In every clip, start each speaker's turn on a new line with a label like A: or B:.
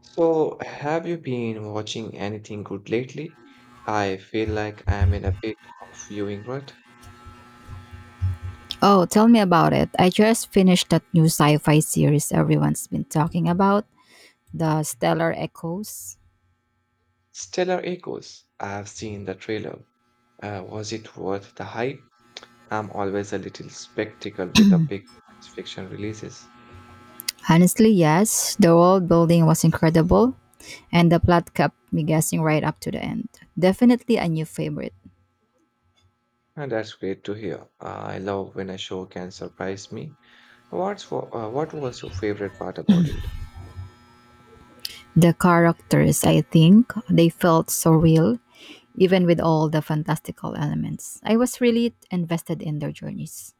A: So, have you been watching anything good lately? I feel like I'm in a bit of viewing rut.
B: Oh, tell me about it. I just finished that new sci fi series everyone's been talking about, The Stellar Echoes.
A: Stellar Echoes. I've seen the trailer. Was it worth the hype? I'm always a little skeptical with the big science fiction releases.
B: Honestly, yes, the world building was incredible, and the plot kept me guessing right up to the end. Definitely a new favorite.
A: And That's great to hear. I love when a show can surprise me. What was your favorite part about it?
B: The characters, I think, they felt so real, even with all the fantastical elements. I was really invested in their journeys.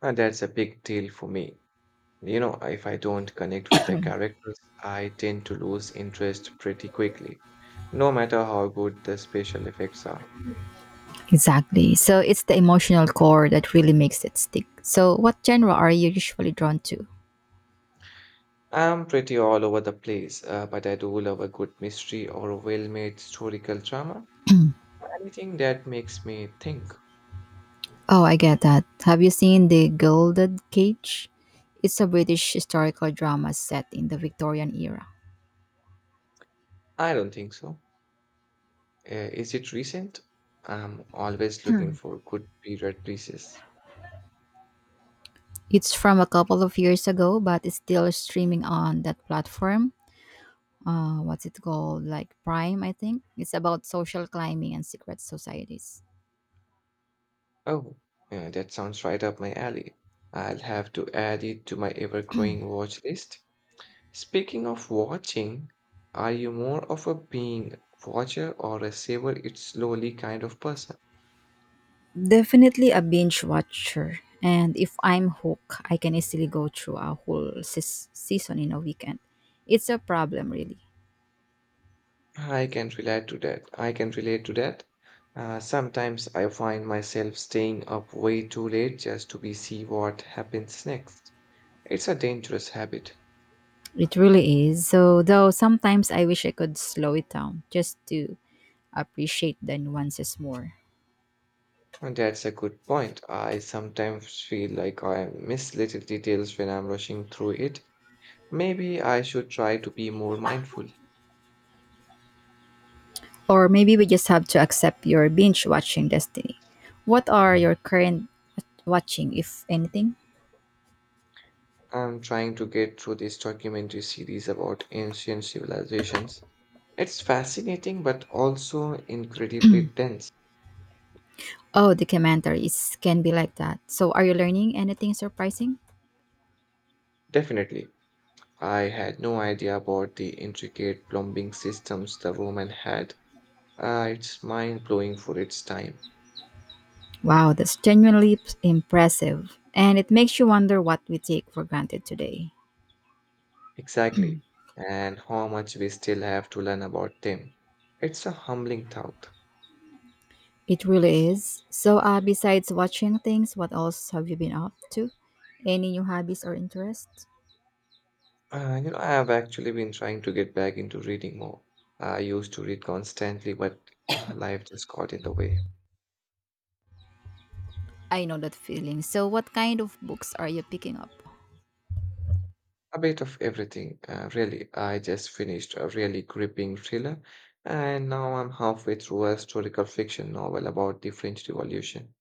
A: And That's a big deal for me. You know, if I don't connect with the characters, I tend to lose interest pretty quickly, no matter how good the special effects are.
B: Exactly. So it's the emotional core that really makes it stick. So, what genre are you usually drawn to?
A: I'm pretty all over the place, but I do love a good mystery or a well-made historical drama. Anything that makes me think.
B: Oh, I get that. Have you seen The Gilded Cage? It's a British historical drama set in the Victorian era.
A: I don't think so. Is it recent? I'm always looking for good period pieces.
B: It's from a couple of years ago, but it's still streaming on that platform. What's it called? Like Prime, I think. It's about social climbing and secret societies.
A: Oh, yeah, that sounds right up my alley. I'll have to add it to my ever-growing watch list. Speaking of watching, are you more of a being watcher or a savor it slowly kind of person?
B: Definitely a binge watcher. And if I'm hooked, I can easily go through a whole season in a weekend. It's a problem, really.
A: I can relate to that. Sometimes I find myself staying up way too late just to be see what happens next. It's a dangerous habit.
B: It really is. So, though sometimes I wish I could slow it down just to appreciate the nuances more.
A: And That's a good point. I sometimes feel like I miss little details when I'm rushing through it. Maybe I should try to be more mindful.
B: Or maybe we just have to accept your binge watching destiny. What are your current watching, if anything?
A: I'm trying to get through this documentary series about ancient civilizations. It's fascinating but also incredibly dense.
B: Oh, documentaries can be like that. So, are you learning anything surprising?
A: Definitely. I had no idea about the intricate plumbing systems the woman had. It's mind blowing for its time.
B: Wow, that's genuinely impressive. And it makes you wonder what we take for granted today.
A: Exactly. And how much we still have to learn about them. It's a humbling thought.
B: It really is. So, besides watching things, what else have you been up to? Any new hobbies or interests?
A: I have actually been trying to get back into reading more. I used to read constantly, but life just got in the way.
B: I know that feeling. So, what kind of books are you picking up?
A: A bit of everything, really. I just finished a really gripping thriller, and now I'm halfway through a historical fiction novel about the French Revolution.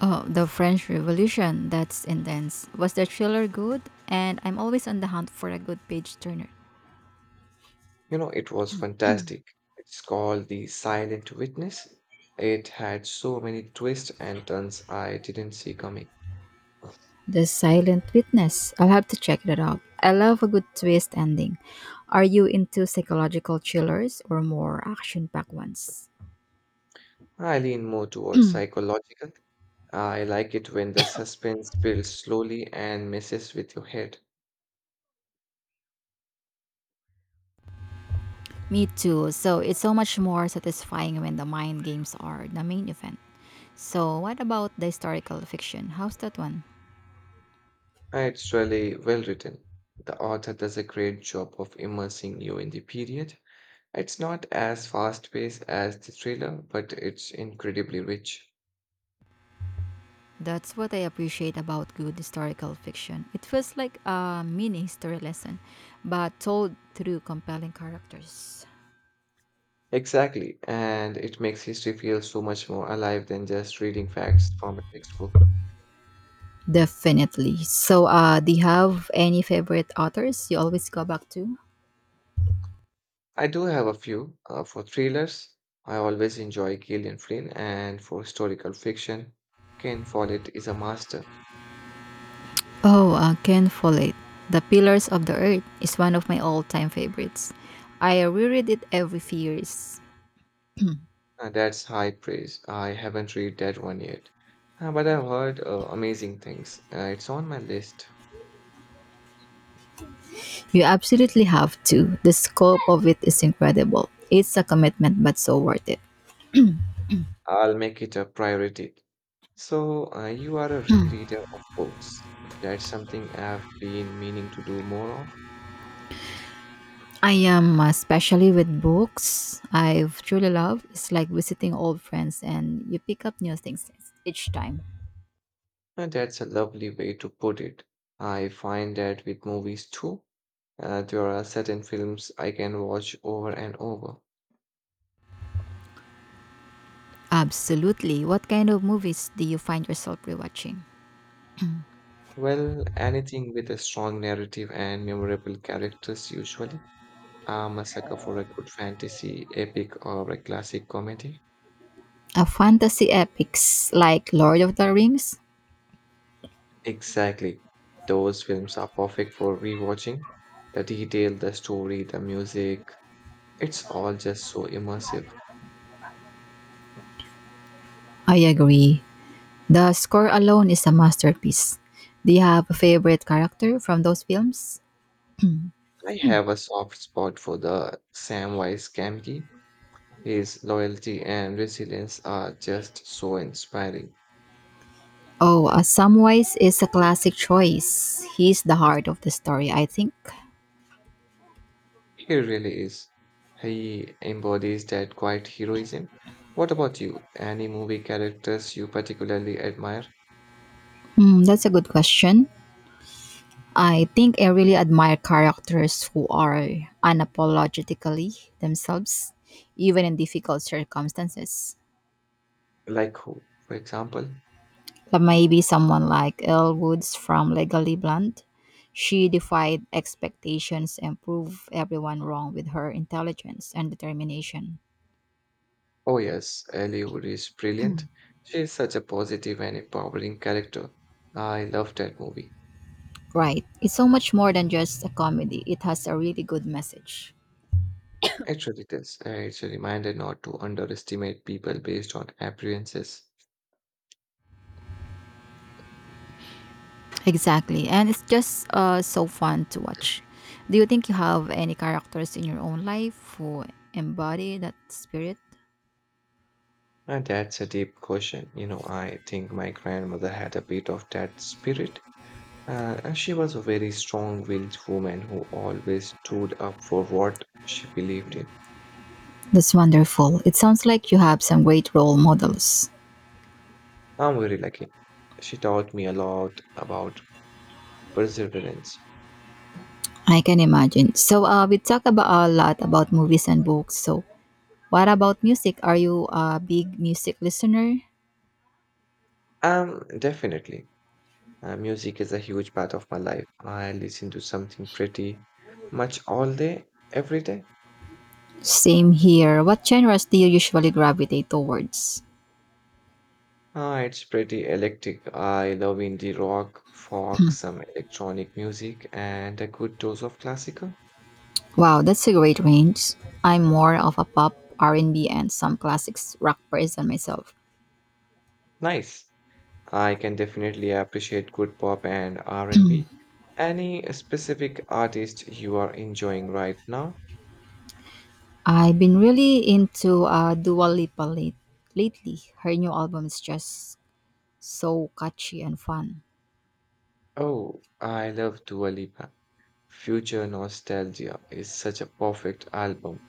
B: Oh, The French Revolution. That's intense. Was the thriller good? And I'm always on the hunt for a good page turner.
A: You know, it was fantastic. It's called The Silent Witness. It had so many twists and turns I didn't see coming.
B: The Silent Witness. I'll have to check that out. I love a good twist ending. Are you into psychological thrillers or more action packed ones?
A: I lean more towards psychological. I like it when the suspense builds slowly and messes with your head.
B: Me too. So it's so much more satisfying when the mind games are the main event. So what about the historical fiction? How's that one?
A: It's really well written. The author does a great job of immersing you in the period. It's not as fast-paced as the thriller, but it's incredibly rich.
B: That's what I appreciate about good historical fiction. It feels like a mini history lesson, but told through compelling characters.
A: Exactly, and it makes history feel so much more alive than just reading facts from a textbook.
B: Definitely. So, do you have any favorite authors you always go back to?
A: I do have a few for thrillers. I always enjoy Gillian Flynn, and for historical fiction, Ken Follett is a master.
B: Oh, Ken Follett. The Pillars of the Earth is one of my all-time favorites. I reread it every few years.
A: That's high praise. I haven't read that one yet, but I've heard amazing things. It's on my list.
B: You absolutely have to. The scope of it is incredible. It's a commitment, but so worth it.
A: I'll make it a priority. So, you are a rereader of books. That's something I've been meaning to do more of.
B: I am, especially with books I've truly loved. It's like visiting old friends and you pick up new things each time.
A: And That's a lovely way to put it. I find that with movies too, there are certain films I can watch over and over.
B: Absolutely. What kind of movies do you find yourself rewatching?
A: Well, anything with a strong narrative and memorable characters usually. I'm a sucker for a good fantasy, epic, or a classic comedy.
B: A fantasy epics like Lord of the Rings?
A: Exactly. Those films are perfect for rewatching. The detail, the story, the music, it's all just so immersive.
B: I agree. The score alone is a masterpiece. Do you have a favorite character from those films?
A: I have a soft spot for the Samwise Gamgee. His loyalty and resilience are just so inspiring.
B: Oh, Samwise is a classic choice. He's the heart of the story, I think.
A: He really is. He embodies that quiet heroism. What about you? Any movie characters you particularly admire?
B: Hmm, that's a good question. I think I really admire characters who are unapologetically themselves, even in difficult circumstances.
A: Like who, for example?
B: Like maybe someone like Elle Woods from Legally Blonde. She defied expectations and proved everyone wrong with her intelligence and determination.
A: Oh yes, Ellie Wood is brilliant. She is such a positive and empowering character. I love that movie.
B: Right. It's so much more than just a comedy. It has a really good message.
A: Actually, this it's a reminder not to underestimate people based on appearances.
B: Exactly. And it's just so fun to watch. Do you think you have any characters in your own life who embody that spirit?
A: And That's a deep question. You know, I think my grandmother had a bit of that spirit. And she was a very strong-willed woman who always stood up for what she believed in.
B: That's wonderful. It sounds like you have some great role models.
A: I'm very lucky. She taught me a lot about perseverance.
B: I can imagine. So we talk about a lot about movies and books. So what about music? Are you a big music listener?
A: Definitely. Music is a huge part of my life. I listen to something pretty much all day, every day.
B: Same here. What genres do you usually gravitate towards?
A: Ah, it's pretty electric. I love indie rock, folk, some electronic music, and a good dose of classical.
B: Wow, that's a great range. I'm more of a pop, R&B, and B, and some classics rock person myself.
A: Nice. I can definitely appreciate good pop and R&B. Any specific artist you are enjoying right now?
B: I've been really into lately. Her new album is just so catchy and fun.
A: Oh, I love Dua Lipa. Future Nostalgia is such a perfect album.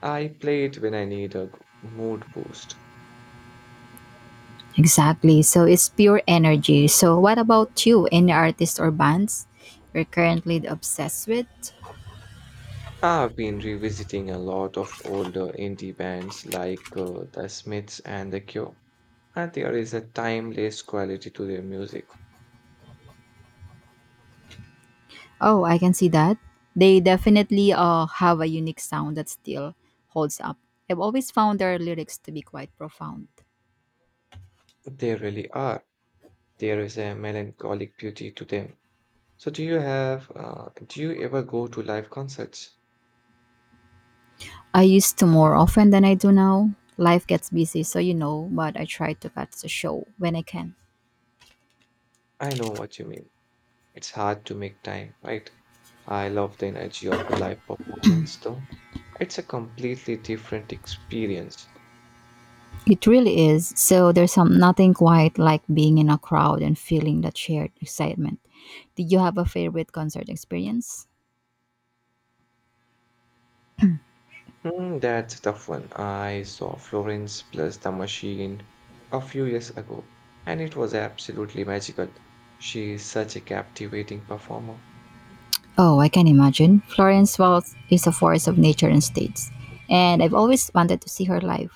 A: I play it when I need a mood boost.
B: Exactly. So it's pure energy. So what about you? Any artists or bands you're currently obsessed with?
A: I've been revisiting a lot of older indie bands like The Smiths and The Cure, and there is a timeless quality to their music.
B: Oh, I can see that. They definitely have a unique sound that still holds up. I've always found their lyrics to be quite profound.
A: They really are. There is a melancholic beauty to them. So, do you ever go to live concerts?
B: I used to more often than I do now. Life gets busy, so you know, but I try to catch the show when I can.
A: I know what you mean. It's hard to make time, right? I love the energy of a live performance, though. It's a completely different experience.
B: It really is. So there's some nothing quite like being in a crowd and feeling that shared excitement. Did you have a favorite concert experience?
A: Hmm, that's a tough one. I saw Florence plus the Machine a few years ago, and it was absolutely magical. She is such a captivating performer.
B: Oh, I can imagine. Florence Welch is a force of nature and states, and I've always wanted to see her live.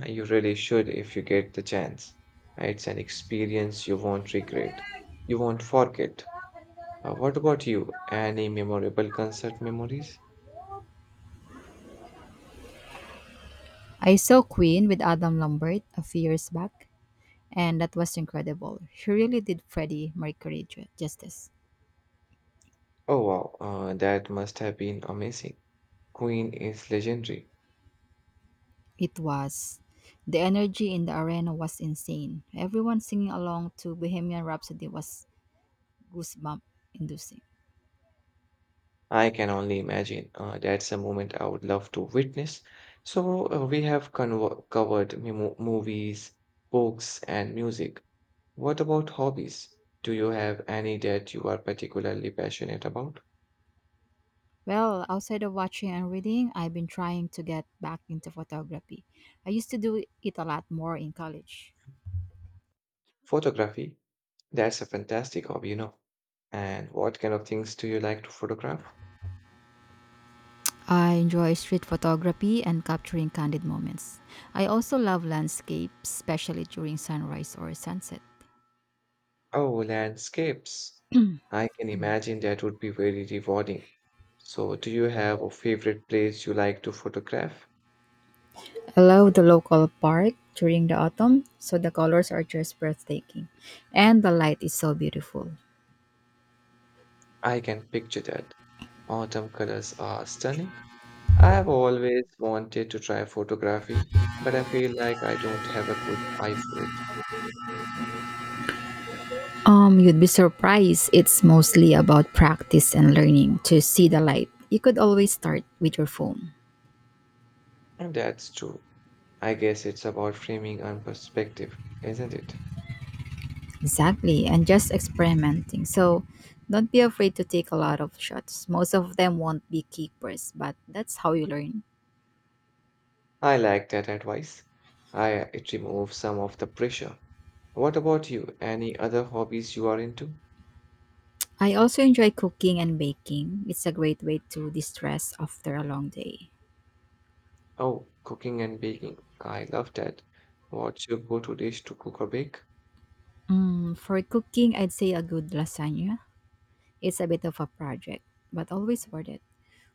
A: You really should if you get the chance. It's an experience you won't regret. You won't forget. What about you? Any memorable concert memories?
B: I saw Queen with Adam Lambert a few years back, and that was incredible. She really did Freddie Mercury justice.
A: Oh wow, that must have been amazing. Queen is legendary.
B: It was. The energy in the arena was insane. Everyone singing along to Bohemian Rhapsody was goosebump inducing.
A: I can only imagine. That's a moment I would love to witness. So, we have covered movies, books, and music. What about hobbies? Do you have any that you are particularly passionate about?
B: Well, outside of watching and reading, I've been trying to get back into photography. I used to do it a lot more in college.
A: Photography, that's a fantastic hobby, you know. And what kind of things do you like to photograph?
B: I enjoy street photography and capturing candid moments. I also love landscapes, especially during sunrise or sunset.
A: Oh, landscapes. I can imagine that would be very rewarding. So, do you have a favorite place you like to photograph?
B: I love the local park during the autumn, so the colors are just breathtaking and the light is so beautiful.
A: I can picture that. Autumn colors are stunning. I have always wanted to try photography, but I feel like I don't have a good eye for it.
B: You'd be surprised. It's mostly about practice and learning to see the light. You could always start with your phone.
A: And That's true. I guess it's about framing and perspective, isn't it?
B: Exactly, and just experimenting. So don't be afraid to take a lot of shots. Most of them won't be keepers, but that's how you learn.
A: I like that advice. I It removes some of the pressure. What about you? Any other hobbies you are into?
B: I also enjoy cooking and baking. It's a great way to distress after a long day.
A: Oh, cooking and baking. I love that. What's your go-to dish to cook or bake?
B: Mm, for cooking, I'd say a good lasagna. It's a bit of a project, but always worth it.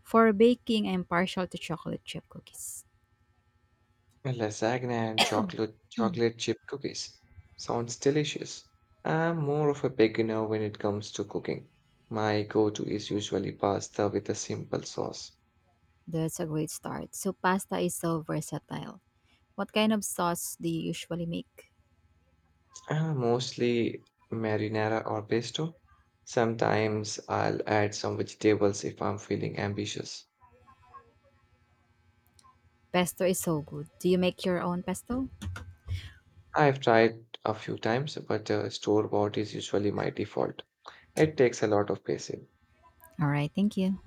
B: For baking, I'm partial to chocolate chip cookies.
A: Lasagna and chocolate chip cookies. Sounds delicious. I'm more of a beginner when it comes to cooking. My go-to is usually pasta with a simple sauce,
B: That's a great start. So pasta is so versatile. What kind of sauce do you usually make?
A: mostly marinara or pesto. Sometimes I'll add some vegetables if I'm feeling ambitious.
B: Pesto is so good. Do you make your own pesto?
A: I've tried a few times, but store-bought is usually my default. It takes a lot of patience.
B: All right, thank you.